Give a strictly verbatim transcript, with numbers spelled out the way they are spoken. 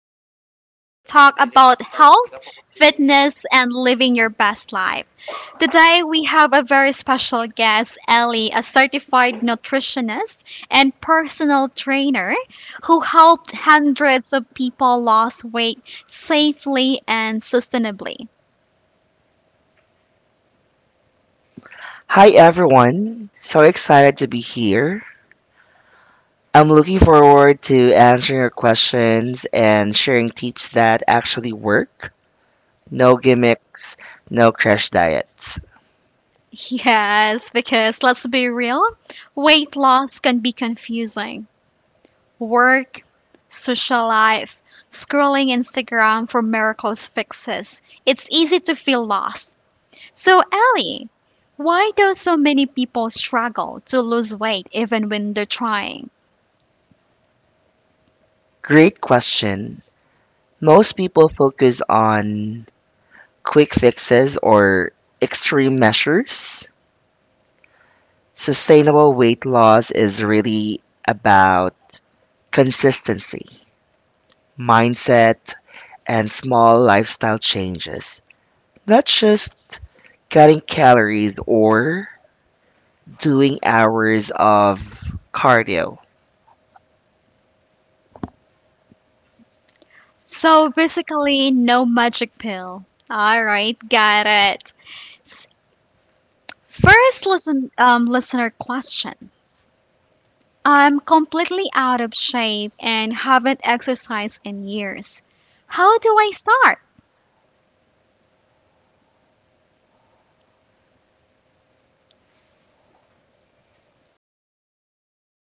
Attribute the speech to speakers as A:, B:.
A: So, where we talk about health, fitness, and living your best life. Today, we have a very special guest, Ellie, a certified nutritionist and personal trainer who helped hundreds of people lose weight safely and sustainably.
B: Hi everyone. So excited to be here. I'm looking forward to answering your questions and sharing tips that actually work. No gimmicks, no crash diets.
A: Yes, because let's be real, weight loss can be confusing work, social life, scrolling Instagram for miracles fixes, it's easy to feel lost. So, Ellie, why do so many people struggle to lose weight even when they're trying?
B: Great question. Most people focus on quick fixes or extreme measures. Sustainable weight loss is really about consistency, mindset, and small lifestyle changes. Not just cutting calories or doing hours of cardio
A: So, basically, no magic pill. All right, got it. S- First listen, um, listener question. I'm completely out of shape and haven't exercised in years. How do I start?